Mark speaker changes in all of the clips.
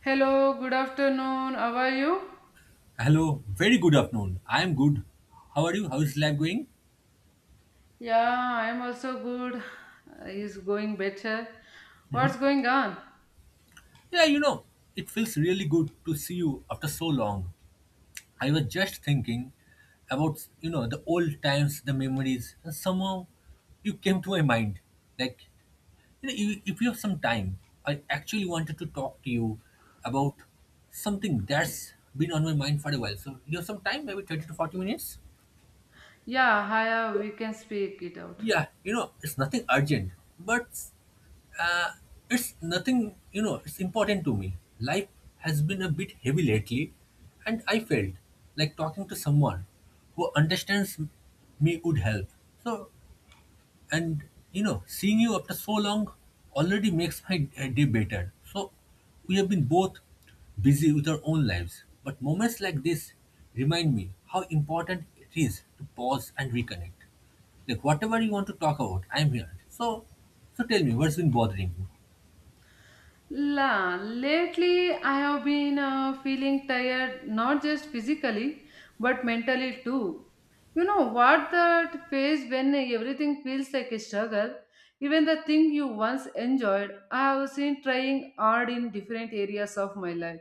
Speaker 1: Hello, good afternoon. How are you?
Speaker 2: Hello, very good afternoon. I am good. How are you? How is life going?
Speaker 1: Yeah, I am also good. It's going better. What's going on?
Speaker 2: Yeah, it feels really good to see you after so long. I was just thinking about, the old times, the memories, and somehow you came to my mind. Like, if you have some time, I actually wanted to talk to you about something that's been on my mind for a while. So, you have some time, maybe 30 to 40 minutes?
Speaker 1: Yeah, hiya, we can speak it out.
Speaker 2: Yeah, it's nothing urgent, but Uh, it's nothing, it's important to me. Life has been a bit heavy lately, and I felt like talking to someone who understands me would help. So, and seeing you after so long already makes my day better. So, we have been both busy with our own lives, but moments like this remind me how important it is to pause and reconnect. Like, whatever you want to talk about, I'm here. So, so, tell me, what's been bothering you?
Speaker 1: Lately I have been feeling tired, not just physically, but mentally too. You know what that phase when everything feels like a struggle? Even the thing you once enjoyed, I have seen trying hard in different areas of my life,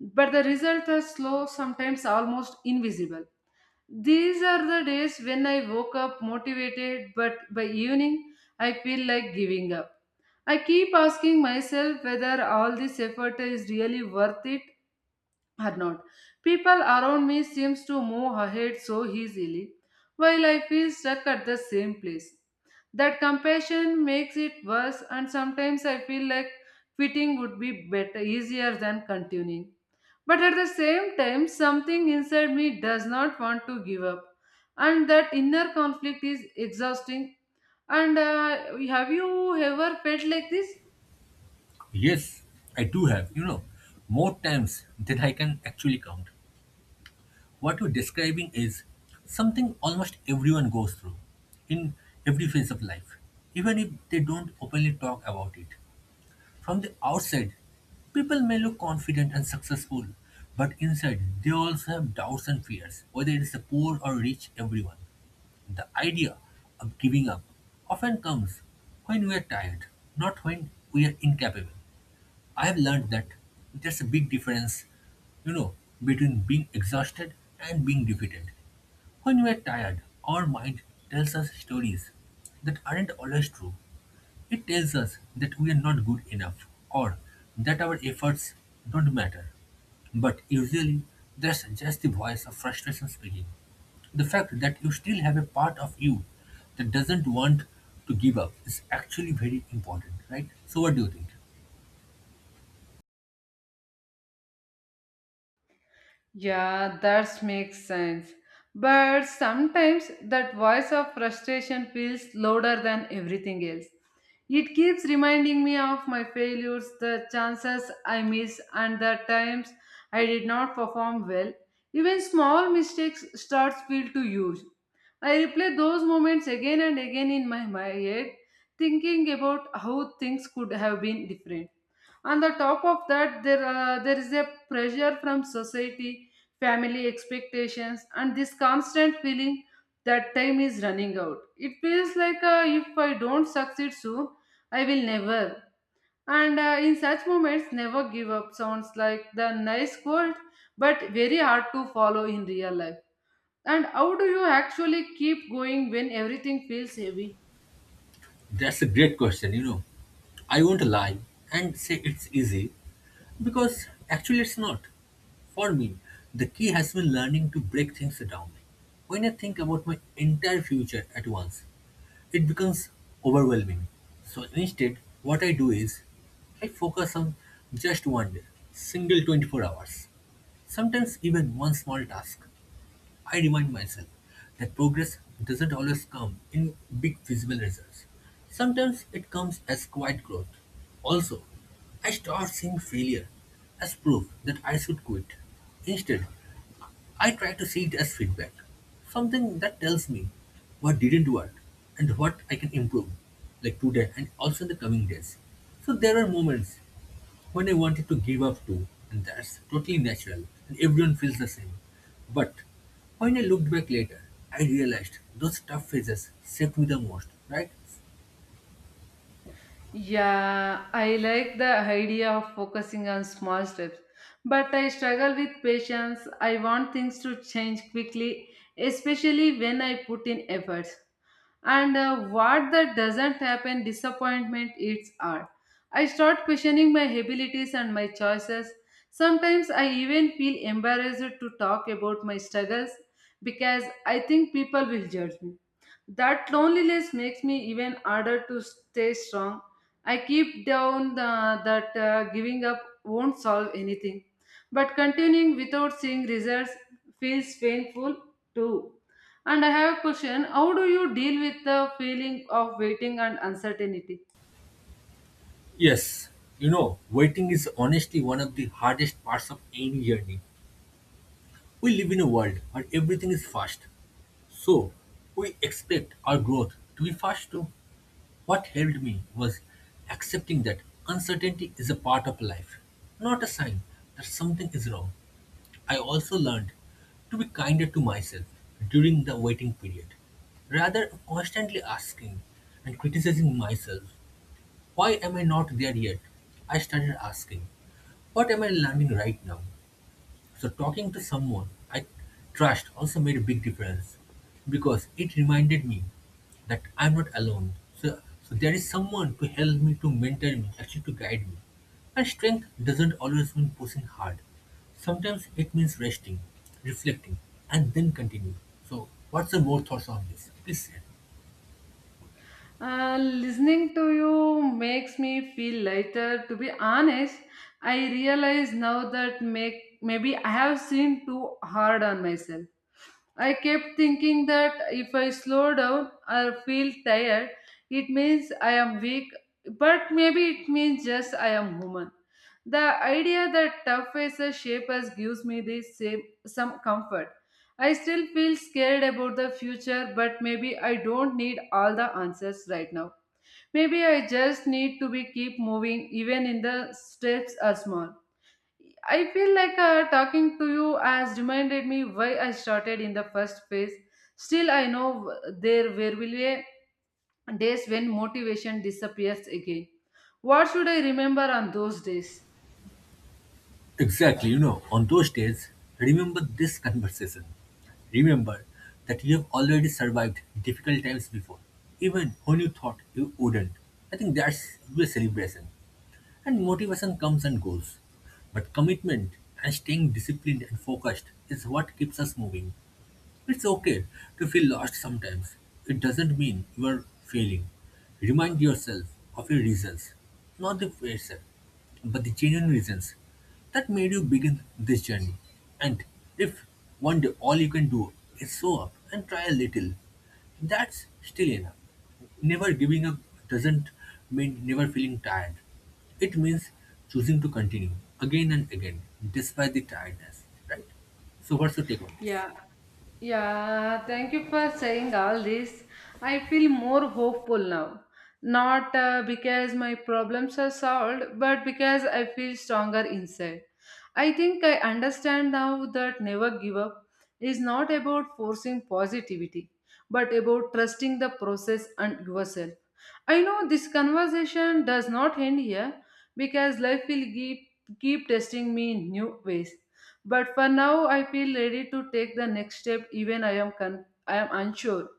Speaker 1: but the results are slow, sometimes almost invisible. These are the days when I woke up motivated, but by evening I feel like giving up. I keep asking myself whether all this effort is really worth it or not. People around me seems to move ahead so easily, while I feel stuck at the same place. That compassion makes it worse, and sometimes I feel like quitting would be better, easier than continuing. But at the same time, something inside me does not want to give up. And that inner conflict is exhausting. And have you ever felt like this?
Speaker 2: Yes, I do have, more times than I can actually count. What you're describing is something almost everyone goes through in every phase of life, even if they don't openly talk about it. From the outside, people may look confident and successful, but inside they also have doubts and fears, whether it's the poor or rich, everyone. The idea of giving up often comes when we are tired, not when we are incapable. I have learned that there's a big difference, you know, between being exhausted and being defeated. When we are tired, our mind tells us stories that aren't always true. It tells us that we are not good enough or that our efforts don't matter. But usually, that's just the voice of frustration speaking. The fact that you still have a part of you that doesn't want to give up is actually very important, right? So, what do you think?
Speaker 1: Yeah, that makes sense. But sometimes that voice of frustration feels louder than everything else. It keeps reminding me of my failures, the chances I miss, and the times I did not perform well. Even small mistakes starts feel too huge. I replay those moments again and again in my head, thinking about how things could have been different. On the top of that, there is a pressure from society, family expectations, and this constant feeling that time is running out. It feels like, if I don't succeed soon, I will never. And in such moments, never give up sounds like the nice quote, but very hard to follow in real life. And how do you actually keep going when everything feels heavy?
Speaker 2: That's a great question. I won't lie and say it's easy because actually it's not. For me, the key has been learning to break things down. When I think about my entire future at once, it becomes overwhelming. So instead, what I do is I focus on just one day, single 24 hours, sometimes even one small task. I remind myself that progress doesn't always come in big visible results. Sometimes it comes as quiet growth. Also, I start seeing failure as proof that I should quit. Instead, I try to see it as feedback, something that tells me what didn't work and what I can improve, like today and also in the coming days. So there are moments when I wanted to give up too, and that's totally natural, and everyone feels the same. But when I looked back later, I realized those tough phases saved me the most, right?
Speaker 1: Yeah, I like the idea of focusing on small steps, but I struggle with patience. I want things to change quickly, especially when I put in effort, and what that doesn't happen, disappointment eats art. I start questioning my abilities and my choices. Sometimes I even feel embarrassed to talk about my struggles, because I think people will judge me. That loneliness makes me even harder to stay strong. I keep down that giving up won't solve anything, but continuing without seeing results feels painful too. And I have a question. How do you deal with the feeling of waiting and uncertainty?
Speaker 2: Yes, waiting is honestly one of the hardest parts of any journey. We live in a world where everything is fast, so, we expect our growth to be fast too. What helped me was accepting that uncertainty is a part of life, not a sign that something is wrong. I also learned to be kinder to myself during the waiting period. Rather constantly asking and criticizing myself, why am I not there yet? I started asking, what am I learning right now? So talking to someone I trust also made a big difference because it reminded me that I'm not alone. So, there is someone to help me, to mentor me, actually to guide me. And strength doesn't always mean pushing hard. Sometimes it means resting, reflecting, and then continue. So what's your more thoughts on this? Please share.
Speaker 1: Listening to you makes me feel lighter. To be honest, I realize now that maybe I have seemed too hard on myself. I kept thinking that if I slow down or feel tired, it means I am weak, but maybe it means just I am human. The idea that tough faces shape us gives me some comfort. I still feel scared about the future, but maybe I don't need all the answers right now. Maybe I just need to be keep moving even in the steps are small. I feel like talking to you has reminded me why I started in the first place. Still, I know there were will be days when motivation disappears again. What should I remember on those days?
Speaker 2: Exactly, on those days, remember this conversation. Remember that you have already survived difficult times before, even when you thought you wouldn't. I think that's a celebration. And motivation comes and goes. But commitment and staying disciplined and focused is what keeps us moving. It's okay to feel lost sometimes. It doesn't mean you are failing. Remind yourself of your reasons, not the pressure, but the genuine reasons that made you begin this journey. And if one day all you can do is show up and try a little, that's still enough. Never giving up doesn't mean never feeling tired. It means choosing to continue again and again despite the tiredness, right? So, what's your take on this?
Speaker 1: Yeah. Yeah, thank you for saying all this. I feel more hopeful now. Not because my problems are solved, but because I feel stronger inside. I think I understand now that never give up is not about forcing positivity, but about trusting the process and yourself. I know this conversation does not end here, because life will keep testing me in new ways. But for now, I feel ready to take the next step, even I am unsure.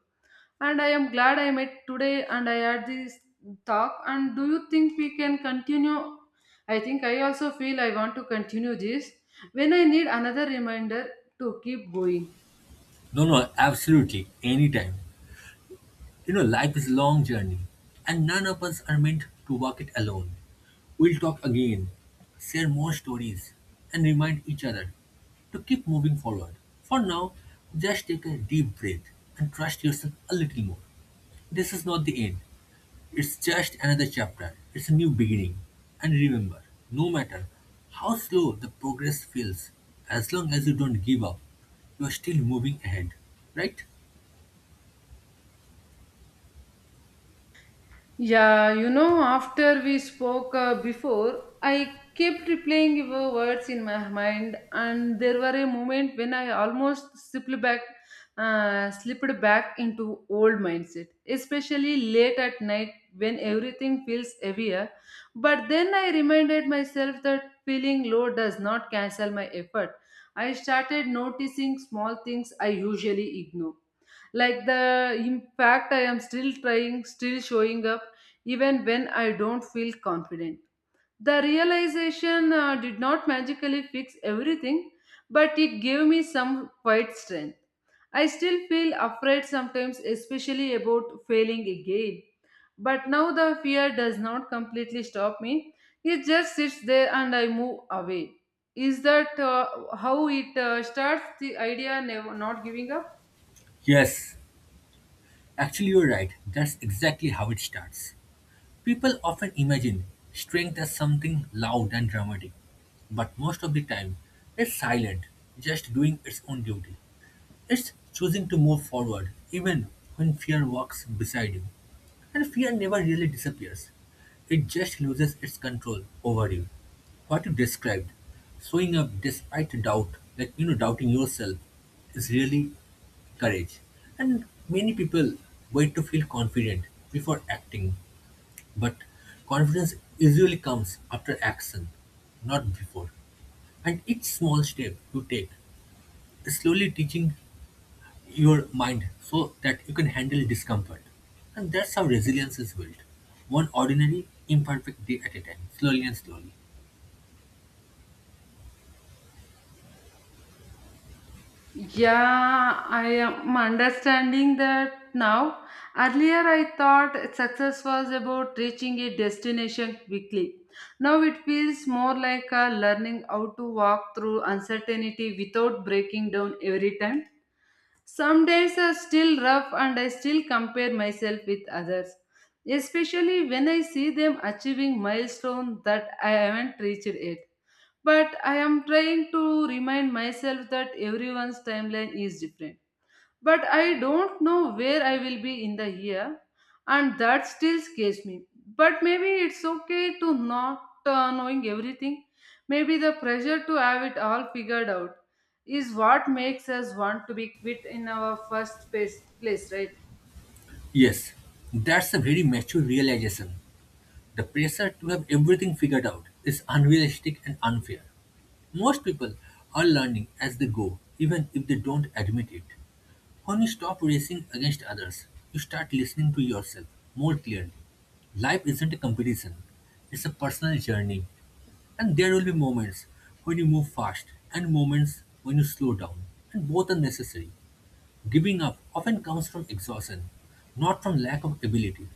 Speaker 1: And I am glad I met today and I had this talk. And do you think we can continue? I think I also feel I want to continue this when I need another reminder to keep going.
Speaker 2: No, no, absolutely. Anytime. Life is a long journey, and none of us are meant to walk it alone. We'll talk again, share more stories, and remind each other to keep moving forward. For now, just take a deep breath and trust yourself a little more. This is not the end. It's just another chapter. It's a new beginning. And remember, no matter how slow the progress feels, as long as you don't give up, you are still moving ahead. Right?
Speaker 1: Yeah, after we spoke before, I kept replaying your words in my mind, and there were a moment when I almost slipped back into old mindset, especially late at night when everything feels heavier. But then I reminded myself that feeling low does not cancel my effort. I started noticing small things I usually ignore, like the impact. I am still trying, still showing up even when I don't feel confident. The realization did not magically fix everything, but it gave me some quiet strength. I still feel afraid sometimes, especially about failing again, but now the fear does not completely stop me. It just sits there and I move away. Is that how it starts, the idea never not giving up?
Speaker 2: Yes, actually, you're right. That's exactly how it starts. People often imagine strength as something loud and dramatic, but most of the time, it's silent, just doing its own duty. It's choosing to move forward, even when fear walks beside you. And fear never really disappears, it just loses its control over you. What you described, showing up despite doubt, like, doubting yourself, is really courage. And many people wait to feel confident before acting, but confidence usually comes after action, not before. And each small step you take is slowly teaching your mind so that you can handle discomfort. And that's how resilience is built. One ordinary, imperfect day at a time, slowly and slowly.
Speaker 1: Yeah, I am understanding that now. Earlier, I thought success was about reaching a destination quickly. Now it feels more like a learning how to walk through uncertainty without breaking down every time. Some days are still rough, and I still compare myself with others, especially when I see them achieving milestones that I haven't reached yet. But I am trying to remind myself that everyone's timeline is different. But I don't know where I will be in the year, and that still scares me. But maybe it's okay to not knowing everything. Maybe the pressure to have it all figured out is what makes us want to be quit in our first place, right?
Speaker 2: Yes, that's a very mature realization. The pressure to have everything figured out is unrealistic and unfair. Most people are learning as they go, even if they don't admit it. When you stop racing against others, you start listening to yourself more clearly. Life isn't a competition, it's a personal journey. And there will be moments when you move fast and moments when you slow down, and both are necessary. Giving up often comes from exhaustion, not from lack of ability.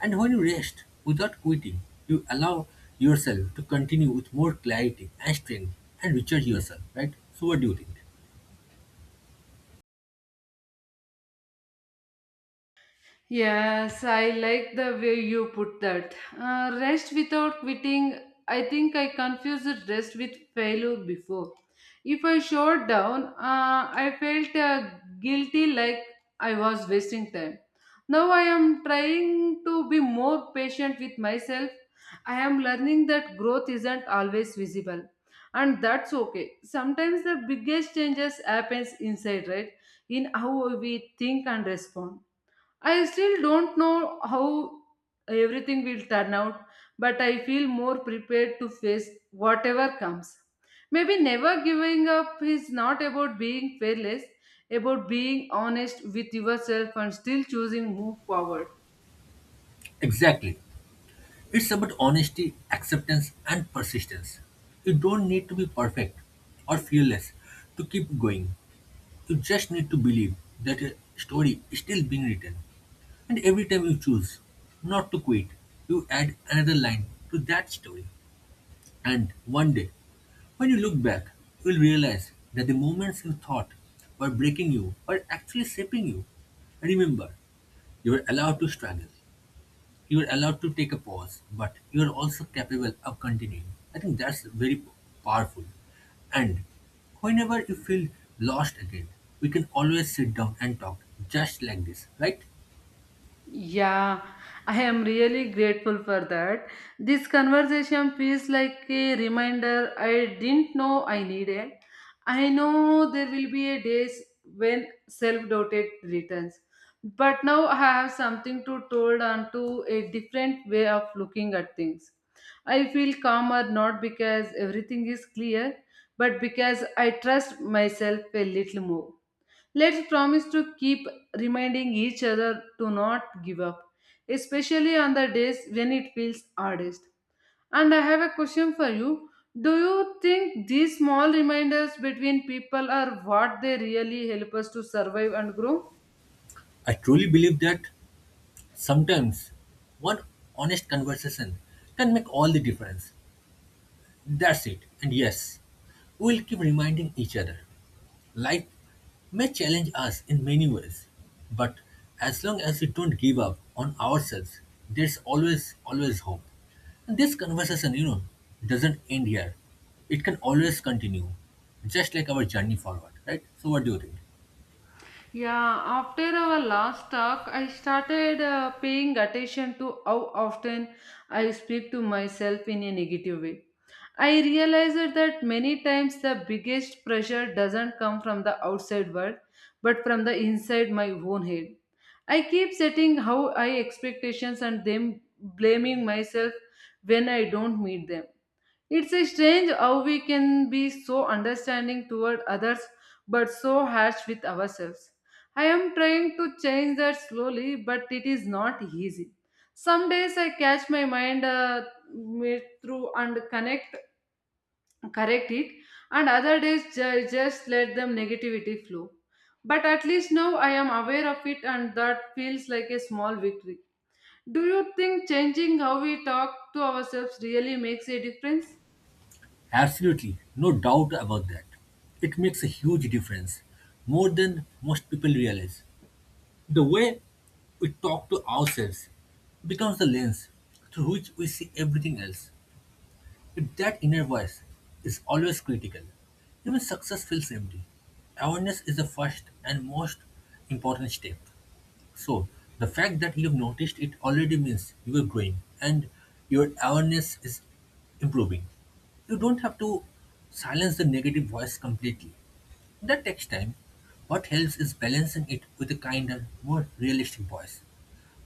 Speaker 2: And when you rest without quitting, you allow yourself to continue with more clarity and strength and recharge yourself, right? So, what do you think?
Speaker 1: Yes, I like the way you put that. Rest without quitting. I think I confused rest with failure before. If I shut down, I felt guilty, like I was wasting time. Now I am trying to be more patient with myself. I am learning that growth isn't always visible, and that's okay. Sometimes the biggest changes happens inside, right? In how we think and respond. I still don't know how everything will turn out, but I feel more prepared to face whatever comes. Maybe never giving up is not about being fearless, about being honest with yourself and still choosing move forward.
Speaker 2: Exactly. It's about honesty, acceptance, and persistence. You don't need to be perfect or fearless to keep going. You just need to believe that a story is still being written. And every time you choose not to quit, you add another line to that story. And one day, when you look back, you'll realize that the moments you thought were breaking you were actually shaping you. Remember, you are allowed to struggle. You are allowed to take a pause, but you are also capable of continuing. I think that's very powerful. And whenever you feel lost again, we can always sit down and talk just like this, right?
Speaker 1: Yeah, I am really grateful for that. This conversation feels like a reminder I didn't know I needed. I know there will be a days when self-doubt returns, but now I have something to told onto a different way of looking at things. I feel calmer not because everything is clear, but because I trust myself a little more. Let's promise to keep reminding each other to not give up, especially on the days when it feels hardest. And I have a question for you. Do you think these small reminders between people are what they really help us to survive and grow?
Speaker 2: I truly believe that sometimes one honest conversation can make all the difference. That's it. And yes, we'll keep reminding each other. Life may challenge us in many ways, but as long as we don't give up on ourselves, there's always, always hope. And this conversation, doesn't end here. It can always continue, just like our journey forward, right? So, what do you think?
Speaker 1: Yeah, after our last talk, I started paying attention to how often I speak to myself in a negative way. I realized that many times the biggest pressure doesn't come from the outside world, but from the inside my own head. I keep setting how high expectations and them blaming myself when I don't meet them. It's a strange how we can be so understanding toward others but so harsh with ourselves. I am trying to change that slowly, but it is not easy. Some days I catch my mind me through and connect correct it, and other days just let them negativity flow. But at least now I am aware of it, and that feels like a small victory. Do you think changing how we talk to ourselves really makes a difference?
Speaker 2: Absolutely, no doubt about that. It makes a huge difference, more than most people realize. The way we talk to ourselves becomes the lens through which we see everything else. If that inner voice is always critical, even success feels empty. Awareness is the first and most important step. So, the fact that you have noticed it already means you are growing and your awareness is improving. You don't have to silence the negative voice completely. That takes time. What helps is balancing it with a kinder, more realistic voice.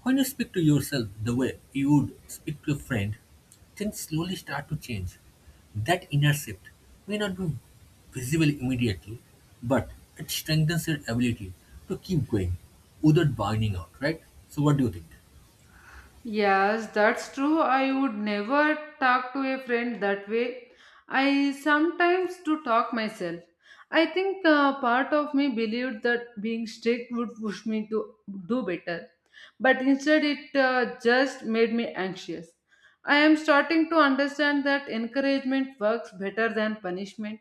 Speaker 2: When you speak to yourself the way you would speak to a friend, things slowly start to change. That inner shift may not be visible immediately, but it strengthens your ability to keep going without burning out, right? So, what do you think?
Speaker 1: Yes, that's true. I would never talk to a friend that way. I sometimes do talk myself. I think part of me believed that being strict would push me to do better, but instead it just made me anxious. I am starting to understand that encouragement works better than punishment.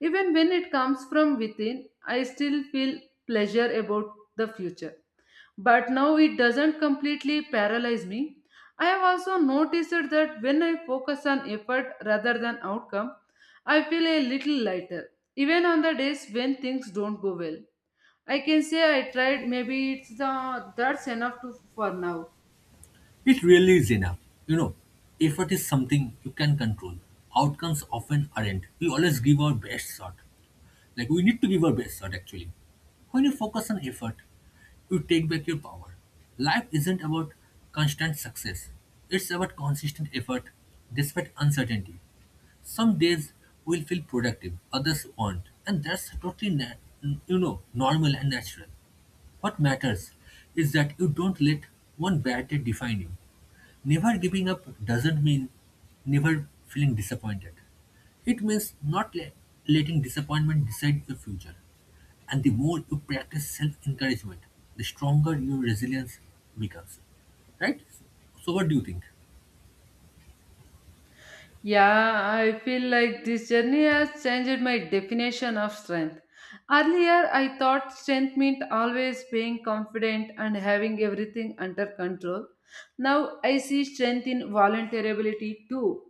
Speaker 1: Even when it comes from within, I still feel pleasure about the future, but now it doesn't completely paralyze me. I have also noticed that when I focus on effort rather than outcome, I feel a little lighter, even on the days when things don't go well. I can say I tried. Maybe it's the that's enough to for now.
Speaker 2: It really is enough. You know, effort is something you can control, outcomes often aren't. We always give our best shot, like we need to give our best shot actually. When you focus on effort, you take back your power. Life isn't about constant success. It's about consistent effort despite uncertainty. Some days will feel productive, others won't, and that's totally normal and natural. What matters is that you don't let one bad day define you. Never giving up doesn't mean never feeling disappointed. It means not letting disappointment decide your future. And the more you practice self encouragement, the stronger your resilience becomes. Right? So, what do you think?
Speaker 1: Yeah, I feel like this journey has changed my definition of strength. Earlier, I thought strength meant always being confident and having everything under control. Now, I see strength in vulnerability too.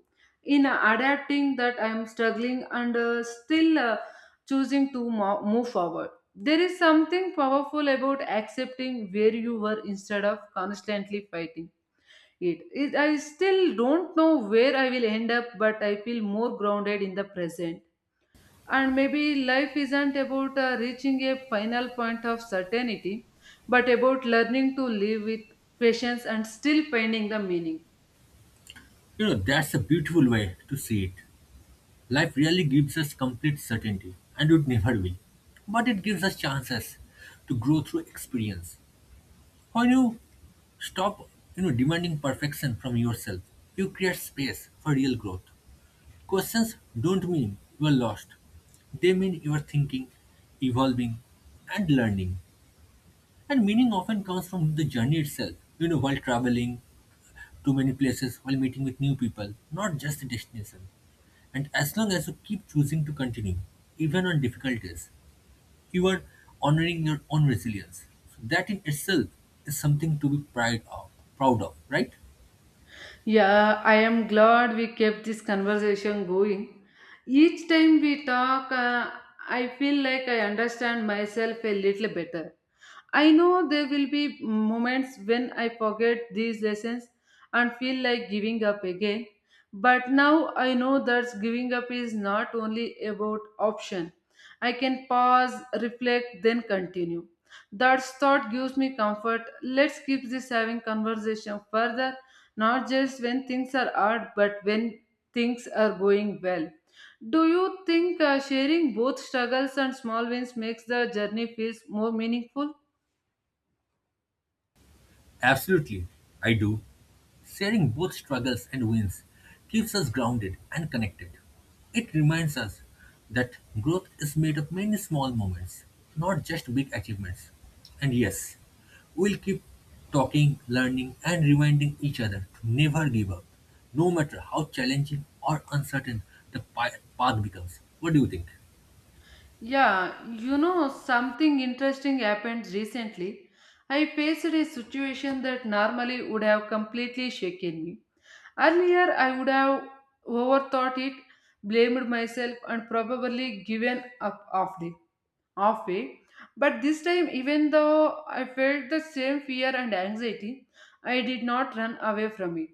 Speaker 1: In adapting that I am struggling, and still choosing to move forward. There is something powerful about accepting where you were instead of constantly fighting it is. I still don't know where I will end up, but I feel more grounded in the present. And maybe life isn't about reaching a final point of certainty, but about learning to live with patience and still finding the meaning.
Speaker 2: That's a beautiful way to see it. Life really gives us complete certainty, and it never will. But it gives us chances to grow through experience. When you stop, you know, demanding perfection from yourself, you create space for real growth. Questions don't mean you are lost. They mean you are thinking, evolving, and learning. And meaning often comes from the journey itself, you know, while traveling to many places, while meeting with new people, not just the destination. And as long as you keep choosing to continue, even on difficult days, you are honoring your own resilience. So that in itself is something to be proud of, right?
Speaker 1: Yeah, I am glad we kept this conversation going. Each time we talk, I feel like I understand myself a little better. I know there will be moments when I forget these lessons and feel like giving up again. But now I know that giving up is not only about option. I can pause, reflect, then continue. That thought gives me comfort. Let's keep this having conversation further, not just when things are hard, but when things are going well. Do you think sharing both struggles and small wins makes the journey feels more meaningful?
Speaker 2: Absolutely, I do. Sharing both struggles and wins keeps us grounded and connected. It reminds us that growth is made of many small moments, not just big achievements. And yes, we'll keep talking, learning, and reminding each other to never give up, no matter how challenging or uncertain the path becomes. What do you think?
Speaker 1: Yeah, you know, something interesting happened recently. I faced a situation that normally would have completely shaken me. Earlier, I would have overthought it, blamed myself, and probably given up halfway. But this time, even though I felt the same fear and anxiety, I did not run away from it.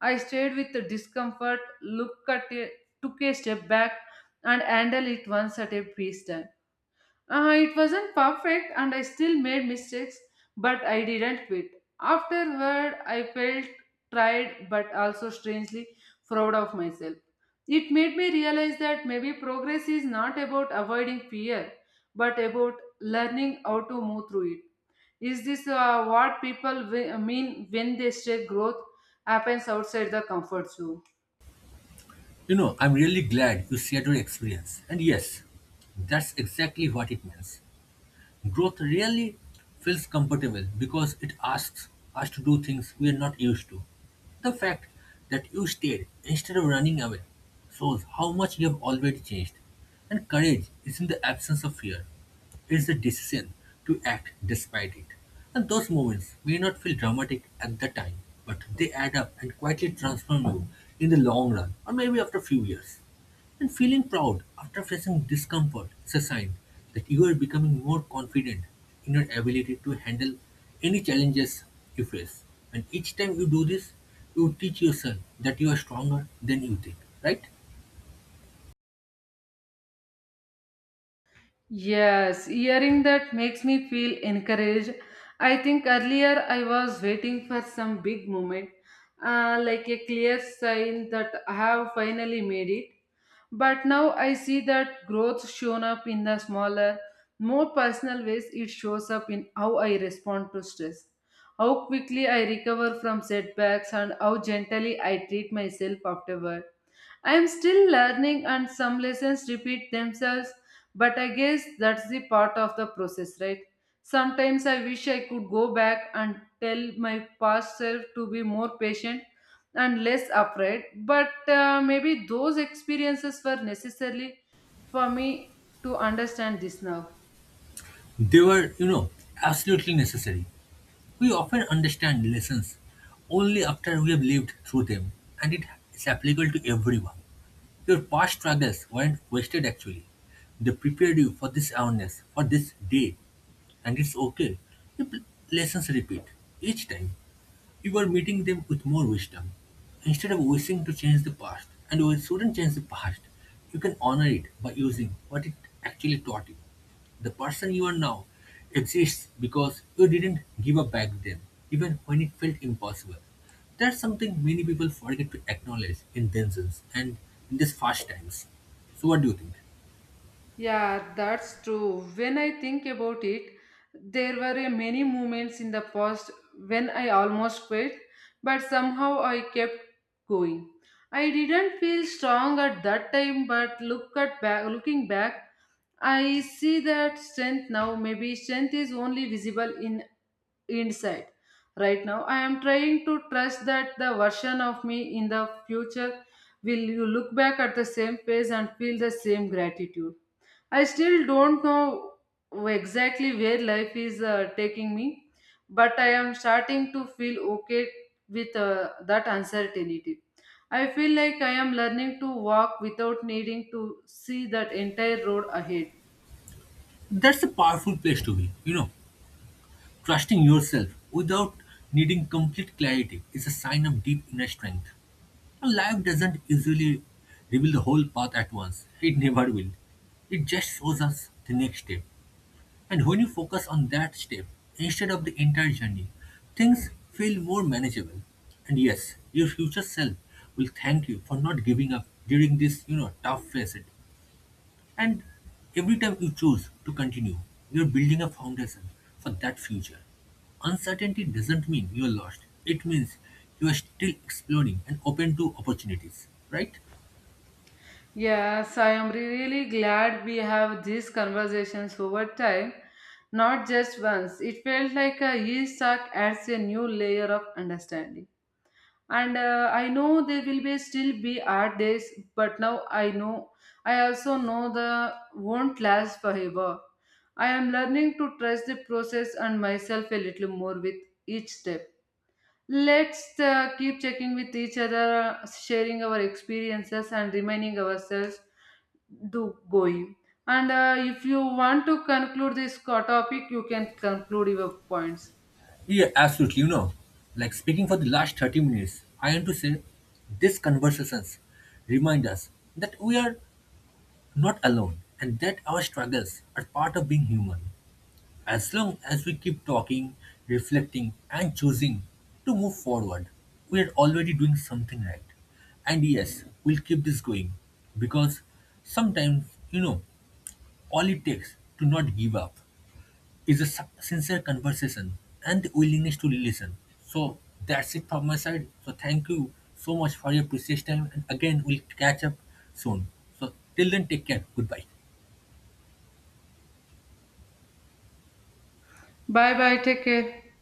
Speaker 1: I stayed with the discomfort, looked at it, took a step back, and handled it once at a piece. It wasn't perfect, and I still made mistakes, but I didn't quit. Afterward, I felt tired, but also strangely proud of myself. It made me realize that maybe progress is not about avoiding fear, but about learning how to move through it. Is this what mean when they say growth happens outside the comfort zone?
Speaker 2: You know, I'm really glad you shared your experience, and yes, that's exactly what it means. Growth really feels comfortable because it asks us to do things we are not used to. The fact that you stayed instead of running away shows how much you have already changed. And courage is in the absence of fear. It's the decision to act despite it. And those moments may not feel dramatic at the time, but they add up and quietly transform you in the long run or maybe after a few years. And feeling proud after facing discomfort is a sign that you are becoming more confident in your ability to handle any challenges you face. And each time you do this, you teach yourself that you are stronger than you think, right?
Speaker 1: Yes, hearing that makes me feel encouraged. I think earlier I was waiting for some big moment, like a clear sign that I have finally made it. But now I see that growth shown up in the smaller, more personal ways. It shows up in how I respond to stress, how quickly I recover from setbacks, and how gently I treat myself afterward. I am still learning, and some lessons repeat themselves, but I guess that's the part of the process, right? Sometimes I wish I could go back and tell my past self to be more patient and less afraid, but maybe those experiences were necessarily for me to understand this now.
Speaker 2: They were, you know, absolutely necessary. We often understand lessons only after we have lived through them, and it is applicable to everyone. Your past struggles weren't wasted actually. They prepared you for this awareness, for this day, and it's okay if lessons repeat. Each time, you are meeting them with more wisdom. Instead of wishing to change the past, and we shouldn't change the past, you can honor it by using what it actually taught you. The person you are now exists because you didn't give up back then, even when it felt impossible. That's something many people forget to acknowledge in themselves and in these fast times. So, what do you think?
Speaker 1: Yeah, that's true. When I think about it, there were a many moments in the past when I almost quit, but somehow I kept going. I didn't feel strong at that time, but looking back, I see that strength now. Maybe strength is only visible in inside. Right now, I am trying to trust that the version of me in the future will you look back at the same pace and feel the same gratitude. I still don't know exactly where life is taking me, but I am starting to feel okay with that uncertainty. I feel like I am learning to walk without needing to see that entire road ahead.
Speaker 2: That's a powerful place to be, you know. Trusting yourself without needing complete clarity is a sign of deep inner strength. And life doesn't usually reveal the whole path at once, it never will. It just shows us the next step. And when you focus on that step instead of the entire journey, things feel more manageable. And yes, your future self will thank you for not giving up during this, you know, tough phase, and every time you choose to continue, you're building a foundation for that future. Uncertainty doesn't mean you're lost, it means you are still exploring and open to opportunities, right?
Speaker 1: Yes, I am really glad we have these conversations over time, not just once. It felt like a yeast sack adds a new layer of understanding. And I know they will be still be at this, but now I know I also know the won't last forever. I am learning to trust the process and myself a little more with each step. Let's keep checking with each other, sharing our experiences, and reminding ourselves to going. And if you want to conclude this topic, you can conclude your points.
Speaker 2: Yeah, absolutely. You know, like speaking for the last 30 minutes, I want to say these conversations remind us that we are not alone and that our struggles are part of being human. As long as we keep talking, reflecting, and choosing to move forward, we are already doing something right. And yes, we'll keep this going because sometimes, you know, all it takes to not give up is a sincere conversation and the willingness to listen. So that's it from my side. So thank you so much for your precious time. And again, we'll catch up soon. So till then, take care. Goodbye.
Speaker 1: Bye bye, take care.